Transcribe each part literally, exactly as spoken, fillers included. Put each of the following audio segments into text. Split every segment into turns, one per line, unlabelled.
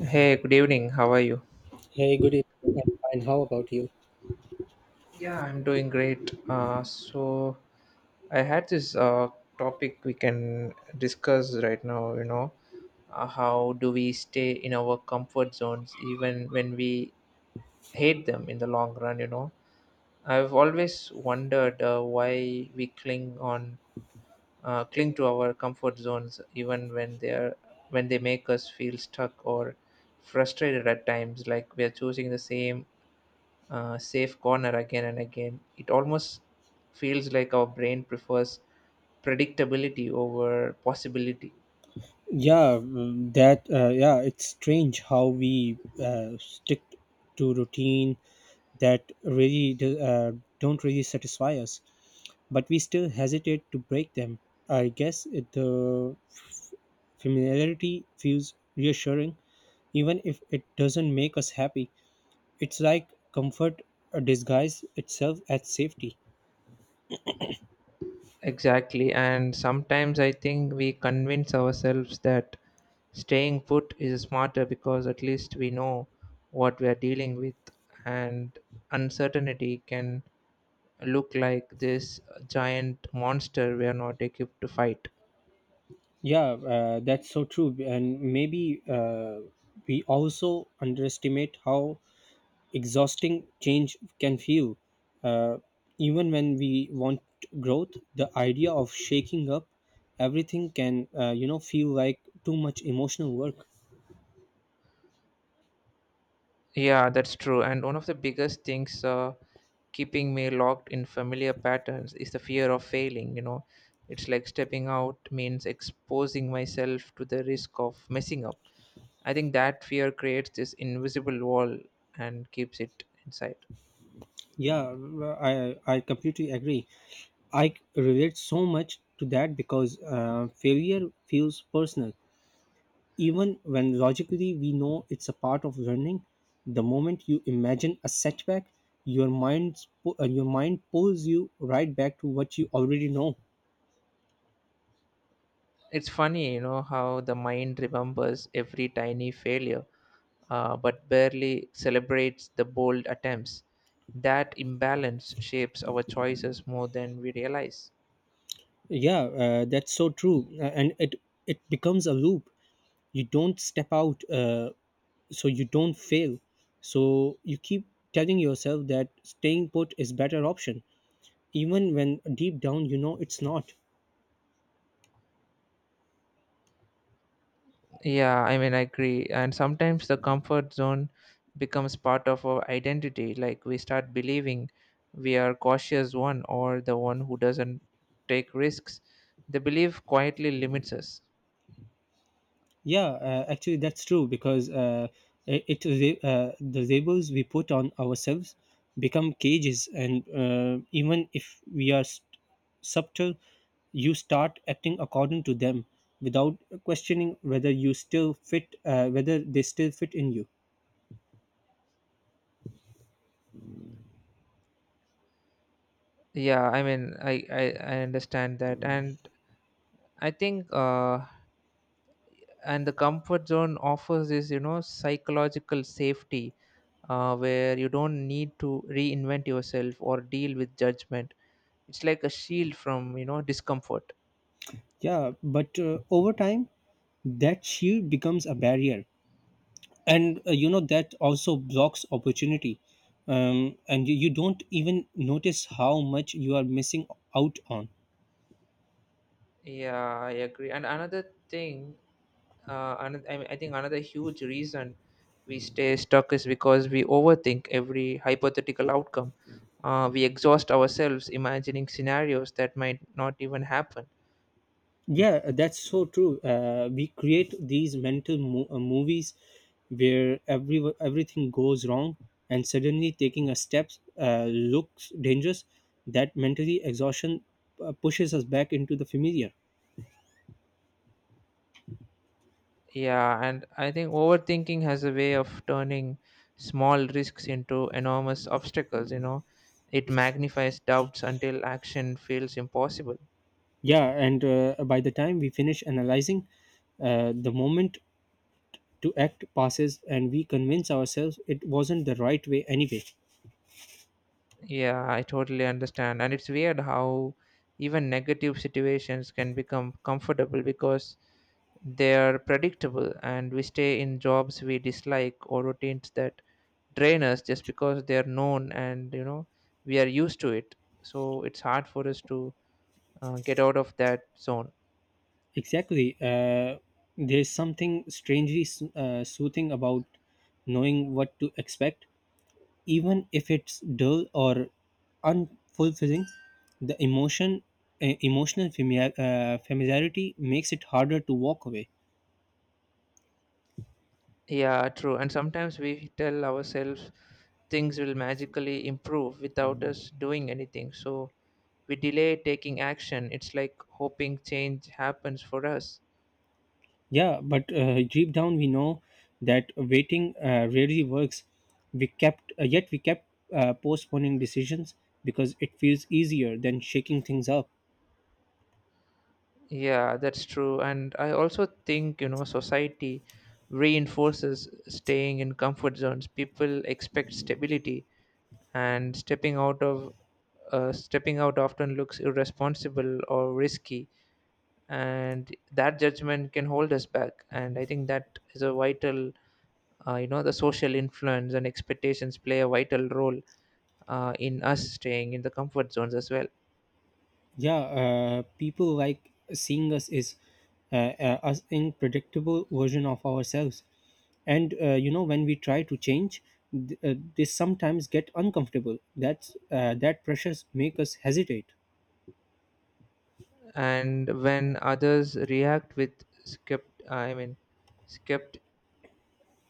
Hey, good evening. How are you?
Hey, good evening. I'm fine. How about you?
Yeah, I'm doing great. Uh, so I had this uh, topic we can discuss right now, you know, uh, how do we stay in our comfort zones even when we hate them in the long run, you know? I've always wondered uh, why we cling on uh, cling to our comfort zones even when they are when they make us feel stuck or frustrated at times, like we are choosing the same uh, safe corner again and again. It almost feels like our brain prefers predictability over possibility.
Yeah mm, that uh, yeah it's strange how we uh, stick to routine that really do- uh, don't really satisfy us, but we still hesitate to break them. I guess it, the f- familiarity feels reassuring even if it doesn't make us happy. It's like comfort uh, disguise itself as safety.
Exactly, and sometimes I think we convince ourselves that staying put is smarter because at least we know what we are dealing with, and uncertainty can look like this giant monster we are not equipped to fight.
Yeah, uh, that's so true. And maybe uh, we also underestimate how exhausting change can feel. Uh, Even when we want growth, the idea of shaking up everything can, uh, you know, feel like too much emotional work.
Yeah, that's true. And one of the biggest things uh, keeping me locked in familiar patterns is the fear of failing. You know, it's like stepping out means exposing myself to the risk of messing up. I think that fear creates this invisible wall and keeps it inside.
Yeah, I, I completely agree. I relate so much to that because uh, failure feels personal. Even when logically we know it's a part of learning, the moment you imagine a setback, your mind sp- uh, your mind pulls you right back to what you already know.
It's funny, you know, how the mind remembers every tiny failure, uh, but barely celebrates the bold attempts. That imbalance shapes our choices more than we realize.
Yeah, uh, that's so true. Uh, and it it becomes a loop. You don't step out, uh, so you don't fail. So you keep telling yourself that staying put is better option, even when deep down you know it's not.
Yeah, I mean, I agree. And sometimes the comfort zone becomes part of our identity. Like we start believing we are cautious one or the one who doesn't take risks. The belief quietly limits us.
Yeah, uh, actually, that's true, because uh, i- it re- uh, the labels we put on ourselves become cages, and uh, even if we are s- subtle, you start acting according to them without questioning whether you still fit, uh, whether they still fit in you.
Yeah, I mean, I I, I understand that, and I think uh, and the comfort zone offers this, you know, psychological safety, uh, where you don't need to reinvent yourself or deal with judgment. It's like a shield from, you know, discomfort.
Yeah, but uh, over time, that shield becomes a barrier, and uh, you know that also blocks opportunity, um, and you, you don't even notice how much you are missing out on.
Yeah, I agree. And another thing, uh, another, I, mean, I think another huge reason we stay stuck is because we overthink every hypothetical outcome. Uh, we exhaust ourselves imagining scenarios that might not even happen.
Yeah, that's so true. Uh, we create these mental mo- uh, movies where every everything goes wrong, and suddenly taking a step uh, looks dangerous. That mentally exhaustion uh, pushes us back into the familiar.
Yeah, and I think overthinking has a way of turning small risks into enormous obstacles, you know. It magnifies doubts until action feels impossible.
Yeah, and uh, by the time we finish analyzing, uh, the moment to act passes and we convince ourselves it wasn't the right way anyway.
Yeah, I totally understand. And it's weird how even negative situations can become comfortable because they are predictable, and we stay in jobs we dislike or routines that drain us just because they are known, and you know we are used to it. So it's hard for us to uh, get out of that zone.
Exactly. Uh, there's something strangely so- uh, soothing about knowing what to expect, even if it's dull or unfulfilling. The emotion uh, emotional familiar, uh, familiarity makes it harder to walk away.
Yeah, true. And sometimes we tell ourselves things will magically improve without us doing anything. So we delay taking action. It's like hoping change happens for us.
Yeah, but uh, deep down we know that waiting uh, rarely works. We kept uh, yet we kept uh, postponing decisions because it feels easier than shaking things up.
Yeah, that's true. And I also think, you know, society reinforces staying in comfort zones. People expect stability, and stepping out of uh, stepping out often looks irresponsible or risky, and that judgment can hold us back, and I think that is a vital, uh, you know, the social influence and expectations play a vital role uh, in us staying in the comfort zones as well.
Yeah, uh, people like seeing us is uh, uh, us in predictable version of ourselves, and uh, you know when we try to change, th- uh, they sometimes get uncomfortable. That's uh, that pressures make us hesitate.
And when others react with skept- I mean skept-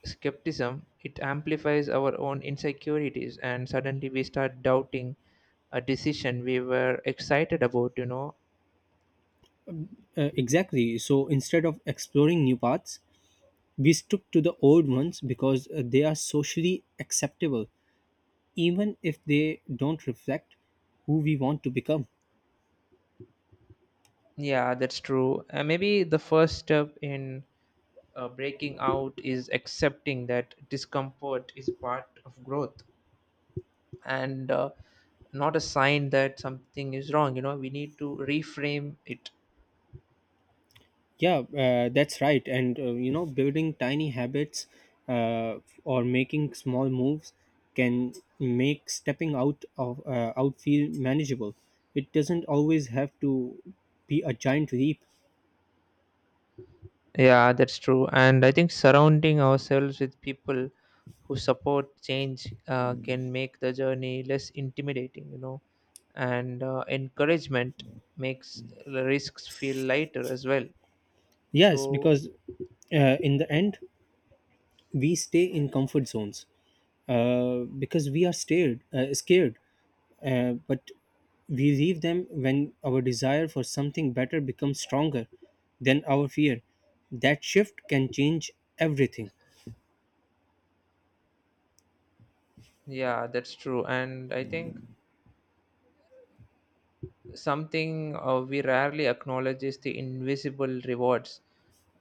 skepticism, it amplifies our own insecurities, and suddenly we start doubting a decision we were excited about, you know.
Uh, exactly. So instead of exploring new paths, we stuck to the old ones because uh, they are socially acceptable, even if they don't reflect who we want to become.
Yeah, that's true. Uh, maybe the first step in uh, breaking out is accepting that discomfort is part of growth, and uh, not a sign that something is wrong. You know, we need to reframe it.
Yeah, uh, that's right. And, uh, you know, building tiny habits uh, or making small moves can make stepping out of uh, out feel manageable. It doesn't always have to be a giant leap.
Yeah, that's true. And I think surrounding ourselves with people who support change uh, can make the journey less intimidating, you know, and uh, encouragement makes the risks feel lighter as well.
Yes,
So,
because uh, in the end, we stay in comfort zones uh, because we are scared uh, scared, uh, but we leave them when our desire for something better becomes stronger than our fear. That shift can change everything.
yeah, that's true. And I think something uh, we rarely acknowledge is the invisible rewards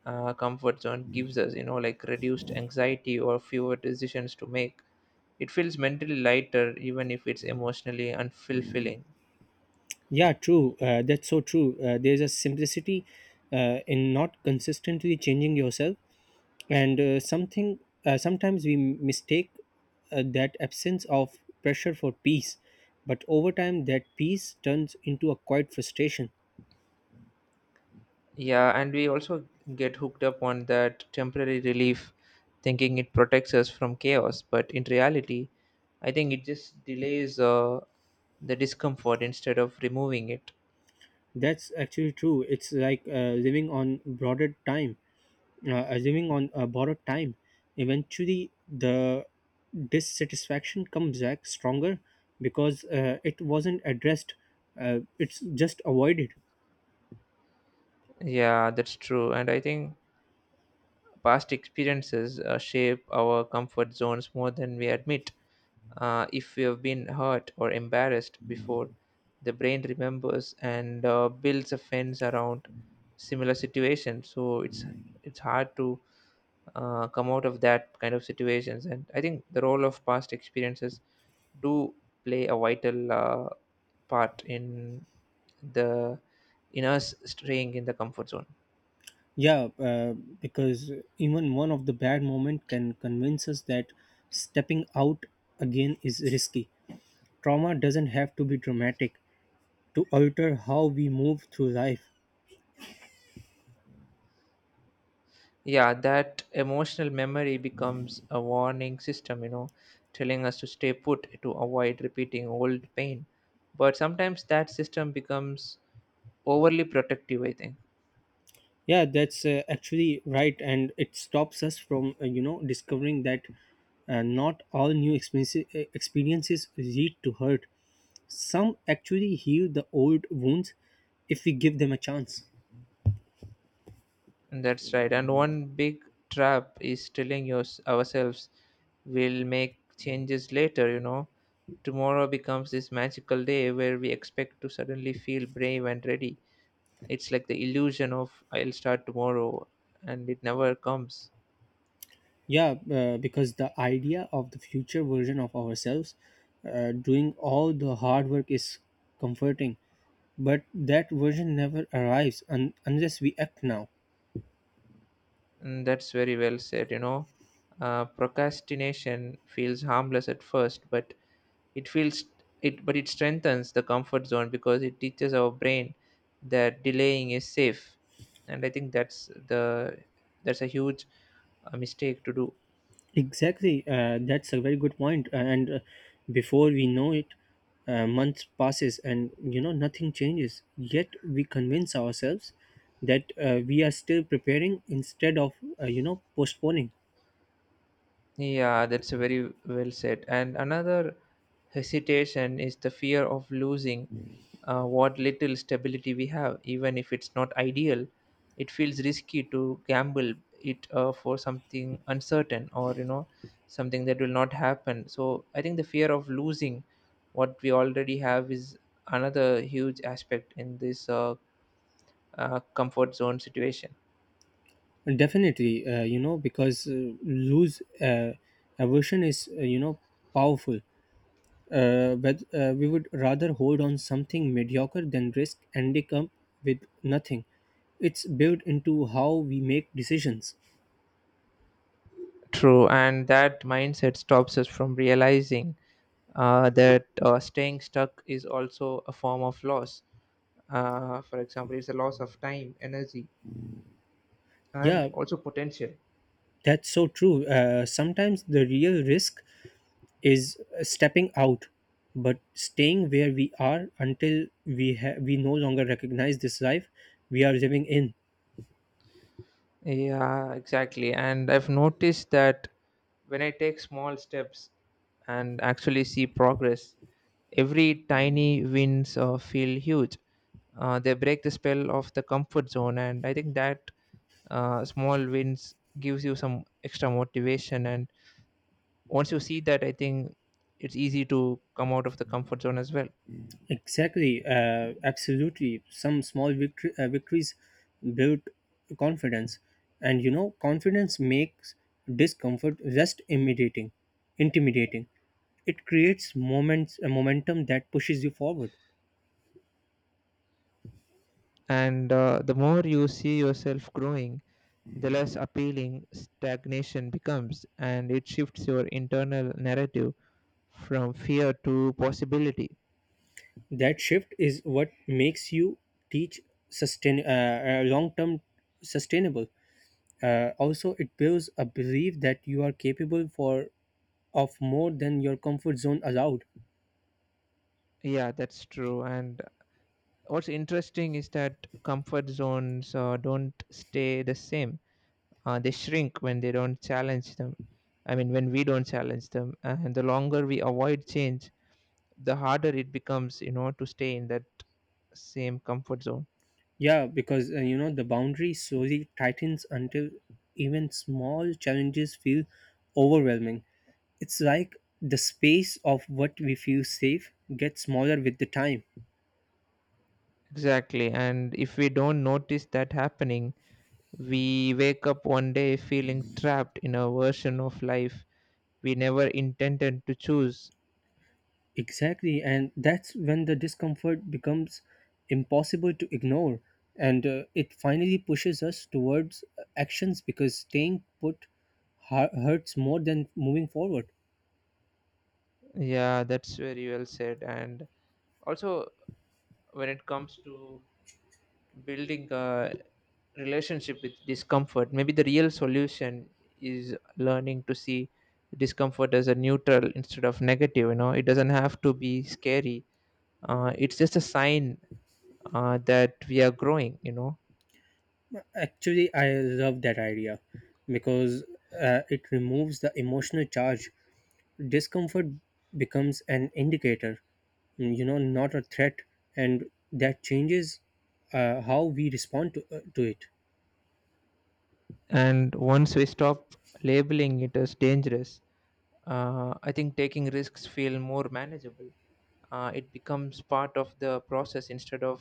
uh, comfort zone gives us, you know, like reduced anxiety or fewer decisions to make. It feels mentally lighter, even if it's emotionally unfulfilling.
Yeah, true. Uh, that's so true. Uh, there's a simplicity uh, in not consistently changing yourself, and uh, something uh, sometimes we mistake uh, that absence of pressure for peace, but over time that peace turns into a quiet frustration.
Yeah, and we also get hooked up on that temporary relief, thinking it protects us from chaos. But in reality, I think it just delays uh, the discomfort instead of removing it.
That's actually true. It's like uh, living on broader time, uh, uh, living on a borrowed time. Eventually, the dissatisfaction comes back stronger because uh, it wasn't addressed. Uh, it's just avoided.
Yeah, that's true. And I think past experiences uh, shape our comfort zones more than we admit. Uh, if we have been hurt or embarrassed before, the brain remembers, and uh, builds a fence around similar situations. So it's it's hard to uh, come out of that kind of situations. And I think the role of past experiences do play a vital uh, part in the in us straying in the comfort zone.
Yeah, uh, because even one of the bad moment can convince us that stepping out again is risky. Trauma doesn't have to be dramatic to alter how we move through life.
Yeah, that emotional memory becomes a warning system, you know, telling us to stay put to avoid repeating old pain, but sometimes that system becomes overly protective, I think.
Yeah, that's uh, actually right, and it stops us from uh, you know discovering that uh, not all new experiences, uh, experiences lead to hurt. Some actually heal the old wounds if we give them a chance.
And that's right. And one big trap is telling yours ourselves we'll make changes later, you know. Tomorrow becomes this magical day where we expect to suddenly feel brave and ready. It's like the illusion of I'll start tomorrow, and it never comes.
Yeah, uh, because the idea of the future version of ourselves uh, doing all the hard work is comforting, but that version never arrives un- unless we act now.
Mm, that's very well said. You know, uh, procrastination feels harmless at first, but it feels it, but it strengthens the comfort zone because it teaches our brain that delaying is safe, and I think that's the that's a huge uh, mistake to do.
Exactly, uh, that's a very good point. uh, And uh, before we know it, uh, months passes, and you know nothing changes. Yet we convince ourselves that uh, we are still preparing instead of uh, you know postponing.
Yeah, that's very well said. And another hesitation is the fear of losing uh, what little stability we have, even if it's not ideal. It feels risky to gamble it uh, for something uncertain, or you know, something that will not happen. So I think the fear of losing what we already have is another huge aspect in this uh, uh, comfort zone situation.
Definitely, uh, you know because uh, lose uh, aversion is uh, you know powerful. Uh, but uh, we would rather hold on something mediocre than risk ending up with nothing. It's built into how we make decisions.
True, and that mindset stops us from realizing uh, that uh, staying stuck is also a form of loss. Uh, for example, it's a loss of time, energy, and
Yeah,
also potential.
that's so true. Uh, sometimes the real risk is stepping out, but staying where we are until we ha- we no longer recognize this life we are living in.
Yeah, exactly. And I've noticed that when I take small steps and actually see progress, every tiny wins uh, feel huge. Uh, they break the spell of the comfort zone, and I think that uh, small wins gives you some extra motivation. And once you see that, I think it's easy to come out of the comfort zone as well.
Exactly. Uh, absolutely. Some small victory- uh, victories build confidence, and you know, confidence makes discomfort less intimidating. Intimidating. It creates moments, a momentum that pushes you forward.
And uh, the more you see yourself growing, the less appealing stagnation becomes, and it shifts your internal narrative from fear to possibility.
That shift is what makes you teach sustain uh, long term sustainable. Uh, also, it builds a belief that you are capable for of more than your comfort zone allowed.
Yeah, that's true. And what's interesting is that comfort zones uh, don't stay the same. Uh, they shrink when they don't challenge them. I mean, when we don't challenge them, and the longer we avoid change, the harder it becomes, you know, to stay in that same comfort zone.
Yeah, because uh, you know the boundary slowly tightens until even small challenges feel overwhelming. It's like the space of what we feel safe gets smaller with the time.
Exactly. And if we don't notice that happening, we wake up one day feeling trapped in a version of life we never intended to choose.
Exactly, and that's when the discomfort becomes impossible to ignore, and uh, it finally pushes us towards uh, actions because staying put hu- hurts more than moving forward.
Yeah, that's very well said. And also, when it comes to building a relationship with discomfort, maybe the real solution is learning to see discomfort as a neutral instead of negative. You know, it doesn't have to be scary. Uh, it's just a sign uh, that we are growing, you know.
Actually, I love that idea because uh, it removes the emotional charge. Discomfort becomes an indicator, mm, you know, not a threat, and that changes uh, how we respond to, uh, to it.
And once we stop labeling it as dangerous, uh, I think taking risks feel more manageable. Uh, it becomes part of the process instead of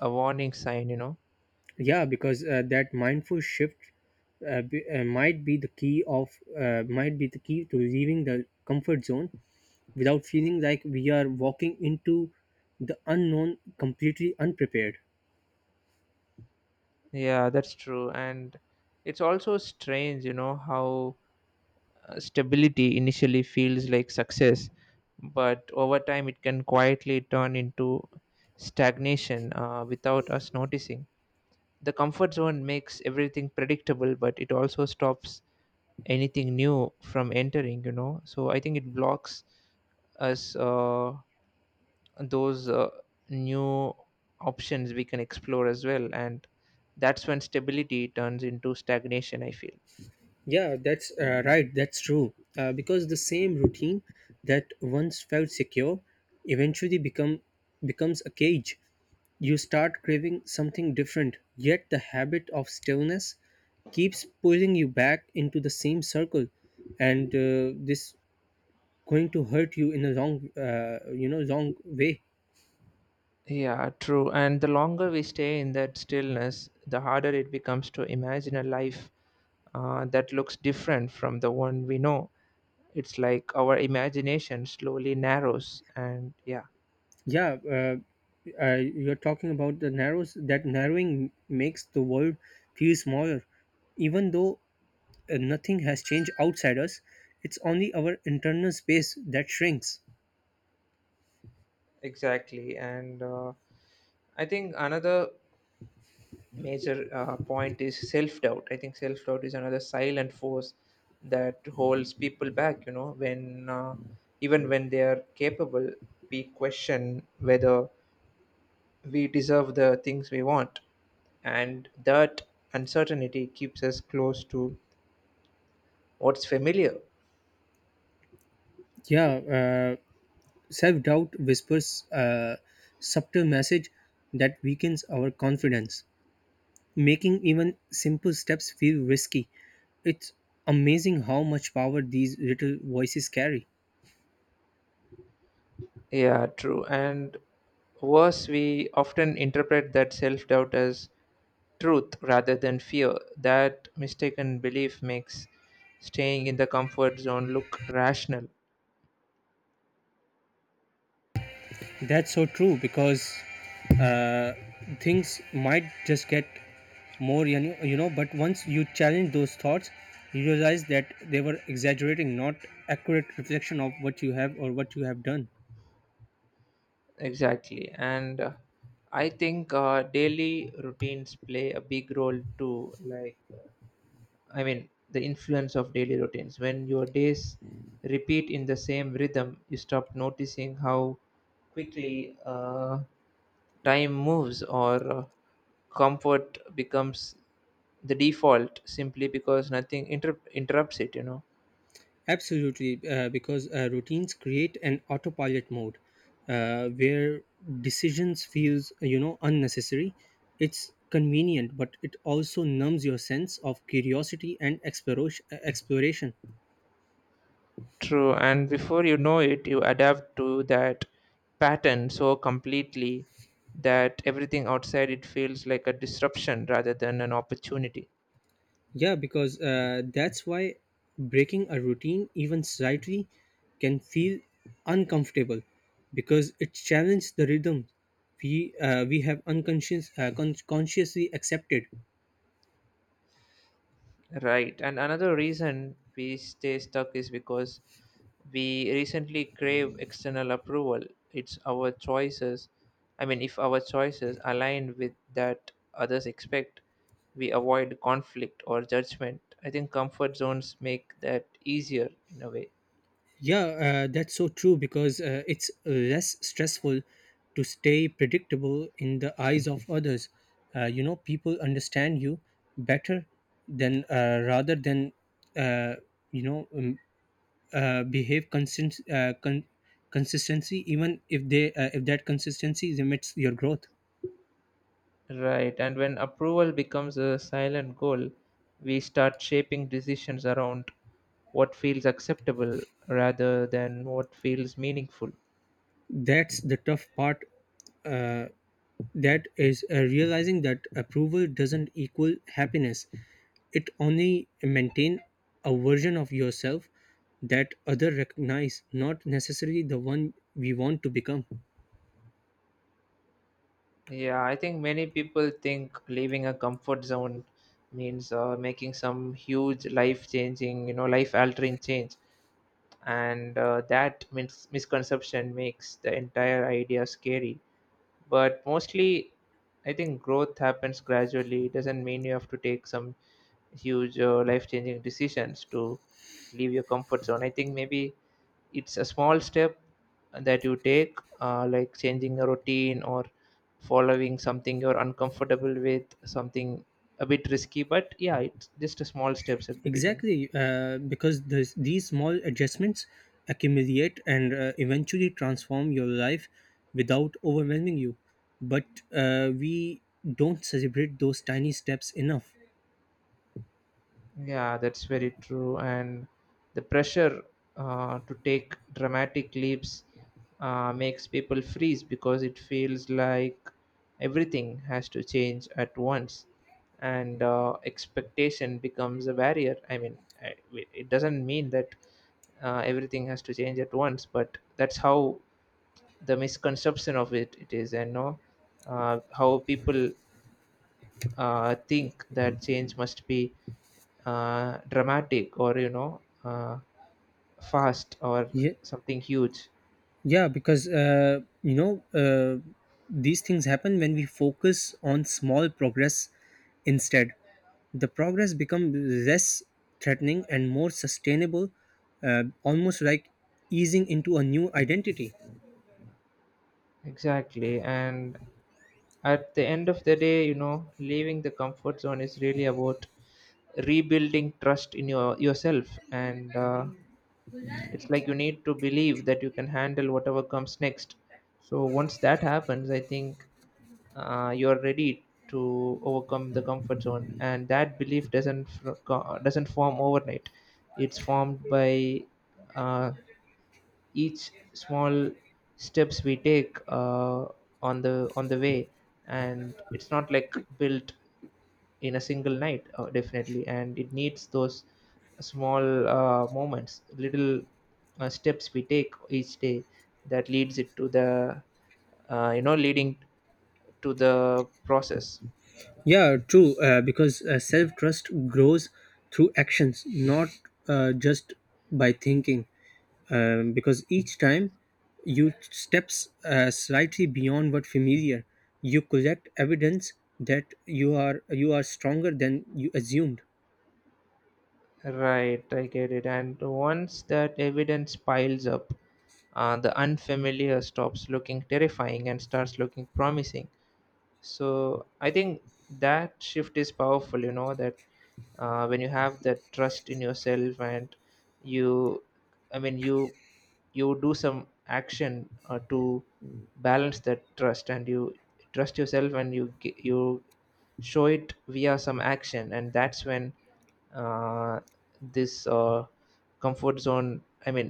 a warning sign, you know.
Yeah, because uh, that mindful shift uh, b- uh, might be the key of uh, might be the key to leaving the comfort zone without feeling like we are walking into the unknown completely unprepared.
Yeah, that's true. And it's also strange, you know, how uh, stability initially feels like success, but over time it can quietly turn into stagnation uh, without us noticing. The comfort zone makes everything predictable, but it also stops anything new from entering, you know. So I think it blocks us. Uh, those uh, New options we can explore as well, and that's when stability turns into stagnation, I feel.
Yeah, that's uh, right. That's true. Uh, because the same routine that once felt secure eventually become becomes a cage. You start craving something different, yet the habit of stillness keeps pulling you back into the same circle, and uh, this going to hurt you in a long, uh, you know, long way.
Yeah, true. And the longer we stay in that stillness, the harder it becomes to imagine a life uh, that looks different from the one we know. It's like our imagination slowly narrows, and yeah,
Yeah, uh, uh, you're talking about the narrows. That narrowing makes the world feel smaller even though uh, nothing has changed outside us. It's only our internal space that shrinks.
exactly. And uh, I think another major uh, point is self doubt. I think self doubt is another silent force that holds people back. You know, when uh, even when they are capable, we question whether we deserve the things we want, and that uncertainty keeps us close to what's familiar.
Yeah, uh, self doubt whispers a subtle message that weakens our confidence, making even simple steps feel risky. It's amazing how much power these little voices carry.
Yeah, true. And worse, we often interpret that self doubt as truth rather than fear. That mistaken belief makes staying in the comfort zone look rational.
That's so true because uh, things might just get more, you know, you know, but once you challenge those thoughts, you realize that they were exaggerating, not accurate reflection of what you have or what you have done.
Exactly. And uh, I think uh, daily routines play a big role too. Like, uh, I mean, the influence of daily routines. When your days repeat in the same rhythm, you stop noticing how quickly Uh, time moves, or uh, comfort becomes the default simply because nothing inter- interrupts it, you know.
Absolutely, uh, because uh, routines create an autopilot mode uh, where decisions feels you know unnecessary. It's convenient, but it also numbs your sense of curiosity and exploration. Exploration.
True, and before you know it you adapt to that pattern so completely that everything outside it feels like a disruption rather than an opportunity.
Yeah, because uh, that's why breaking a routine, even slightly, can feel uncomfortable because it challenges the rhythm we uh, we have unconscious uh, con- consciously accepted.
Right. And another reason we stay stuck is because we recently crave external approval. It's our choices. I mean, if our choices align with that others expect, we avoid conflict or judgment. I think comfort zones make that easier in a way.
Yeah, uh, that's so true because uh, it's less stressful to stay predictable in the eyes of others. Uh, you know, people understand you better than uh, rather than uh, you know um, uh, behave consist- uh, con- consistency even if they uh, if that consistency limits your growth.
Right. And when approval becomes a silent goal, we start shaping decisions around what feels acceptable rather than what feels meaningful.
That's the tough part, uh, that is uh, realizing that approval doesn't equal happiness. It only maintain a version of yourself that other recognize, not necessarily the one we want to become.
Yeah, I think many people think leaving a comfort zone means uh, making some huge life changing, you know, life altering change. And uh, that mis- misconception makes the entire idea scary. But mostly, I think growth happens gradually. It doesn't mean you have to take some huge uh, life changing decisions to leave your comfort zone. I think maybe it's a small step that you take uh, like changing a routine or following something you're uncomfortable with, something a bit risky, but yeah, it's just a small steps at the beginning.
Exactly, uh, because this, these small adjustments accumulate and uh, eventually transform your life without overwhelming you. But uh, we don't celebrate those tiny steps enough.
Yeah, that's very true. And the pressure uh, to take dramatic leaps uh, makes people freeze because it feels like everything has to change at once, and uh, expectation becomes a barrier. I mean I- it doesn't mean that uh, everything has to change at once, but that's how the misconception of it it is. And no, uh, how people uh, think that change must be uh, dramatic, or you know uh, fast, or
Yeah,
something huge.
yeah, Because uh, you know uh, these things happen when we focus on small progress instead. The progress becomes less threatening and more sustainable, uh, almost like easing into a new identity.
Exactly. And at the end of the day, you know, leaving the comfort zone is really about rebuilding trust in your yourself. And uh, it's like you need to believe that you can handle whatever comes next. So once that happens, I think uh, you're ready to overcome the comfort zone. And that belief doesn't fr- co- doesn't form overnight. It's formed by uh, each small steps we take uh, on the on the way. And it's not like built in a single night, uh, definitely. And it needs those small uh, moments, little uh, steps we take each day that leads it to the, uh, you know leading to the process.
Yeah, true. Uh, because uh, self trust grows through actions, not uh, just by thinking. Um, because each time you steps uh, slightly beyond what familiar, you collect evidence that you are you are stronger than you assumed.
Right, I get it. And once that evidence piles up, uh, the unfamiliar stops looking terrifying and starts looking promising. So I think that shift is powerful, you know, that uh, when you have that trust in yourself and you, I mean, you you do some action uh, to balance that trust, and you trust yourself and you gi- you show it via some action. And that's when uh, this uh, comfort zone, I mean,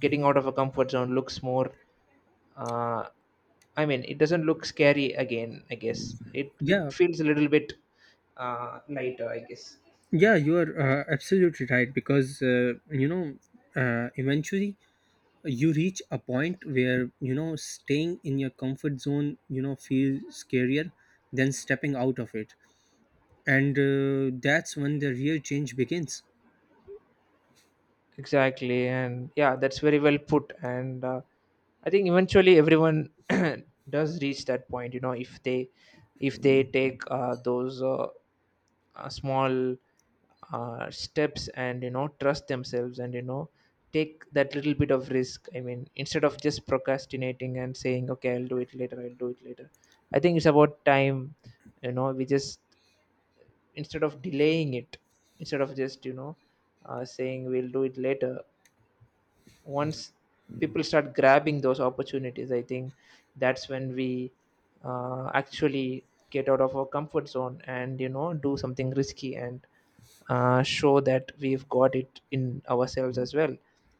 getting out of a comfort zone looks more, uh, I mean, it doesn't look scary again, I guess. It it
Yeah,
feels a little bit uh, lighter, I guess.
yeah, you are uh, absolutely right. Because uh, you know, uh, eventually you reach a point where you know staying in your comfort zone you know feels scarier than stepping out of it, and uh, that's when the real change begins.
Exactly. And yeah, that's very well put. And uh, I think eventually everyone does reach that point, you know, if they, if they take uh, those uh, uh, small uh, steps, and you know, trust themselves, and you know, take that little bit of risk. I mean, instead of just procrastinating and saying, okay, I'll do it later, I'll do it later. I think it's about time, you know, we just, instead of delaying it, instead of just, you know uh, saying we'll do it later. Once people start grabbing those opportunities, I think that's when we uh, actually get out of our comfort zone, and you know, do something risky, and uh, show that we've got it in ourselves as well.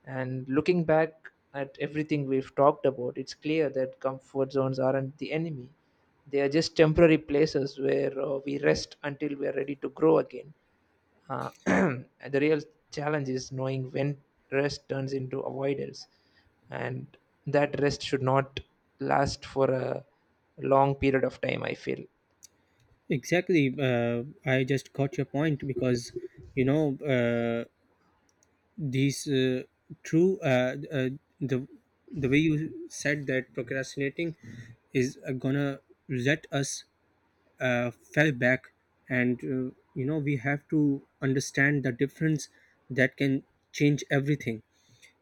And looking back at everything we've talked about, it's clear that comfort zones aren't the enemy. They are just temporary places where, uh, we rest until we are ready to grow again. Uh, and the real challenge is knowing when rest turns into avoidance, and that rest should not last for a long period of time, I feel.
Exactly. uh, I just got your point because you know uh, these uh, true uh, uh, the the way you said that procrastinating is uh, gonna let us uh, fell back, and uh, you know we have to understand the difference that can change everything.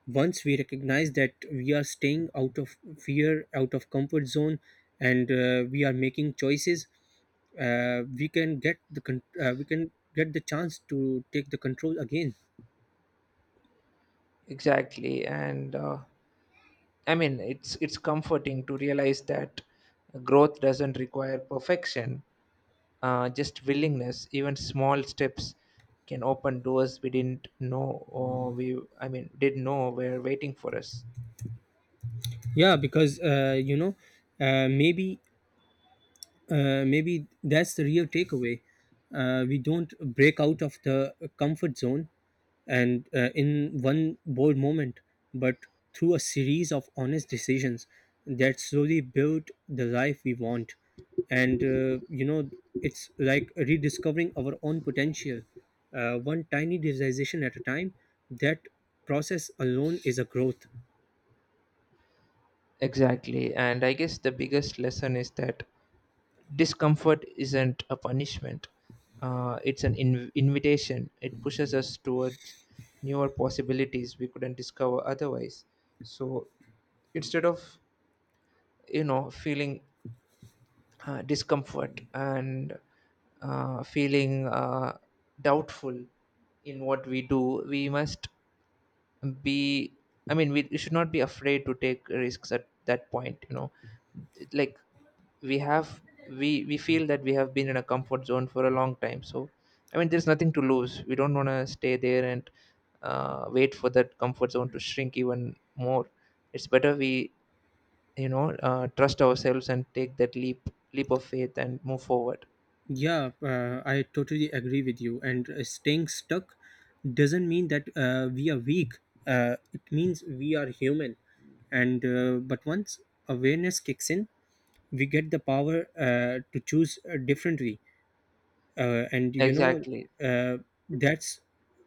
Once we recognize that we are staying out of fear out of comfort zone and uh, we are making choices, uh, we can get the con- uh, we can get the chance to take the control again.
Exactly. And uh, I mean, it's it's comforting to realize that growth doesn't require perfection, uh, just willingness. Even small steps can open doors we didn't know, or we, I mean, did know were waiting for us.
Yeah, because uh, you know uh, maybe Uh, maybe that's the real takeaway. Uh, we don't break out of the comfort zone and uh, in one bold moment, but through a series of honest decisions that slowly build the life we want. And uh, you know, it's like rediscovering our own potential, uh, one tiny realization at a time. That process alone is a growth.
Exactly, and I guess the biggest lesson is that discomfort isn't a punishment. Uh, it's an inv- invitation. It pushes us towards newer possibilities we couldn't discover otherwise. So instead of, you know, feeling uh, discomfort, and uh, feeling uh, doubtful in what we do, we must be, I mean, we should not be afraid to take risks at that point, you know. Like, we have, we we feel that we have been in a comfort zone for a long time. So I mean, there's nothing to lose. We don't want to stay there and uh, wait for that comfort zone to shrink even more. It's better we, you know, uh, trust ourselves and take that leap leap of faith and move forward.
Yeah, uh, I totally agree with you. And uh, staying stuck doesn't mean that uh, we are weak. Uh, it means we are human. And uh, but once awareness kicks in, we get the power uh, to choose uh, differently. Uh, and you know,
Exactly.
uh, that's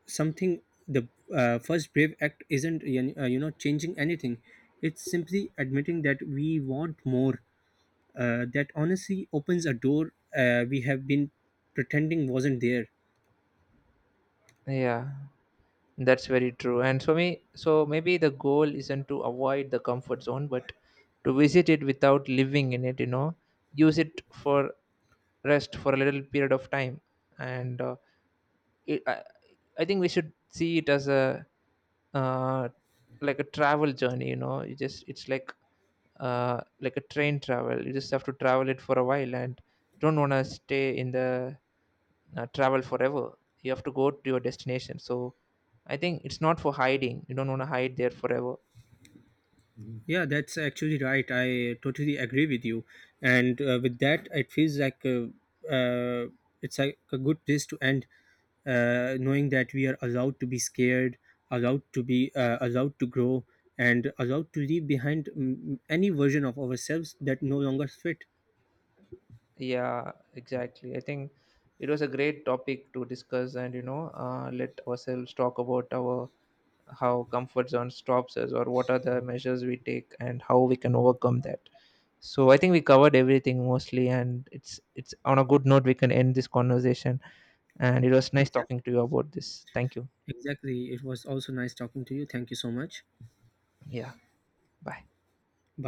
something. The uh, first brave act isn't uh, you know changing anything. It's simply admitting that we want more, uh, that honestly opens a door uh, we have been pretending wasn't there.
Yeah, that's very true. And for me, so maybe the goal isn't to avoid the comfort zone, but to visit it without living in it, you know, use it for rest for a little period of time. And uh, it, I, I think we should see it as a, uh, like a travel journey, you know, you just, it's like uh, like a train travel. You just have to travel it for a while and don't want to stay in the uh, travel forever. You have to go to your destination. So I think it's not for hiding. You don't want to hide there forever.
Yeah, that's actually right. I totally agree with you. And uh, with that, it feels like uh, uh, it's like a good place to end, uh, knowing that we are allowed to be scared, allowed to be uh, allowed to grow, and allowed to leave behind mm, any version of ourselves that no longer fit.
Yeah, exactly. I think it was a great topic to discuss, and you know, uh, let ourselves talk about our how comfort zone stops us, or what are the measures we take and how we can overcome that. So I think we covered everything mostly, and it's it's on a good note we can end this conversation. And it was nice talking to
Exactly.
you about this. Thank you.
Exactly. It was also nice talking to you. Thank you so much.
Yeah, bye.
Bye.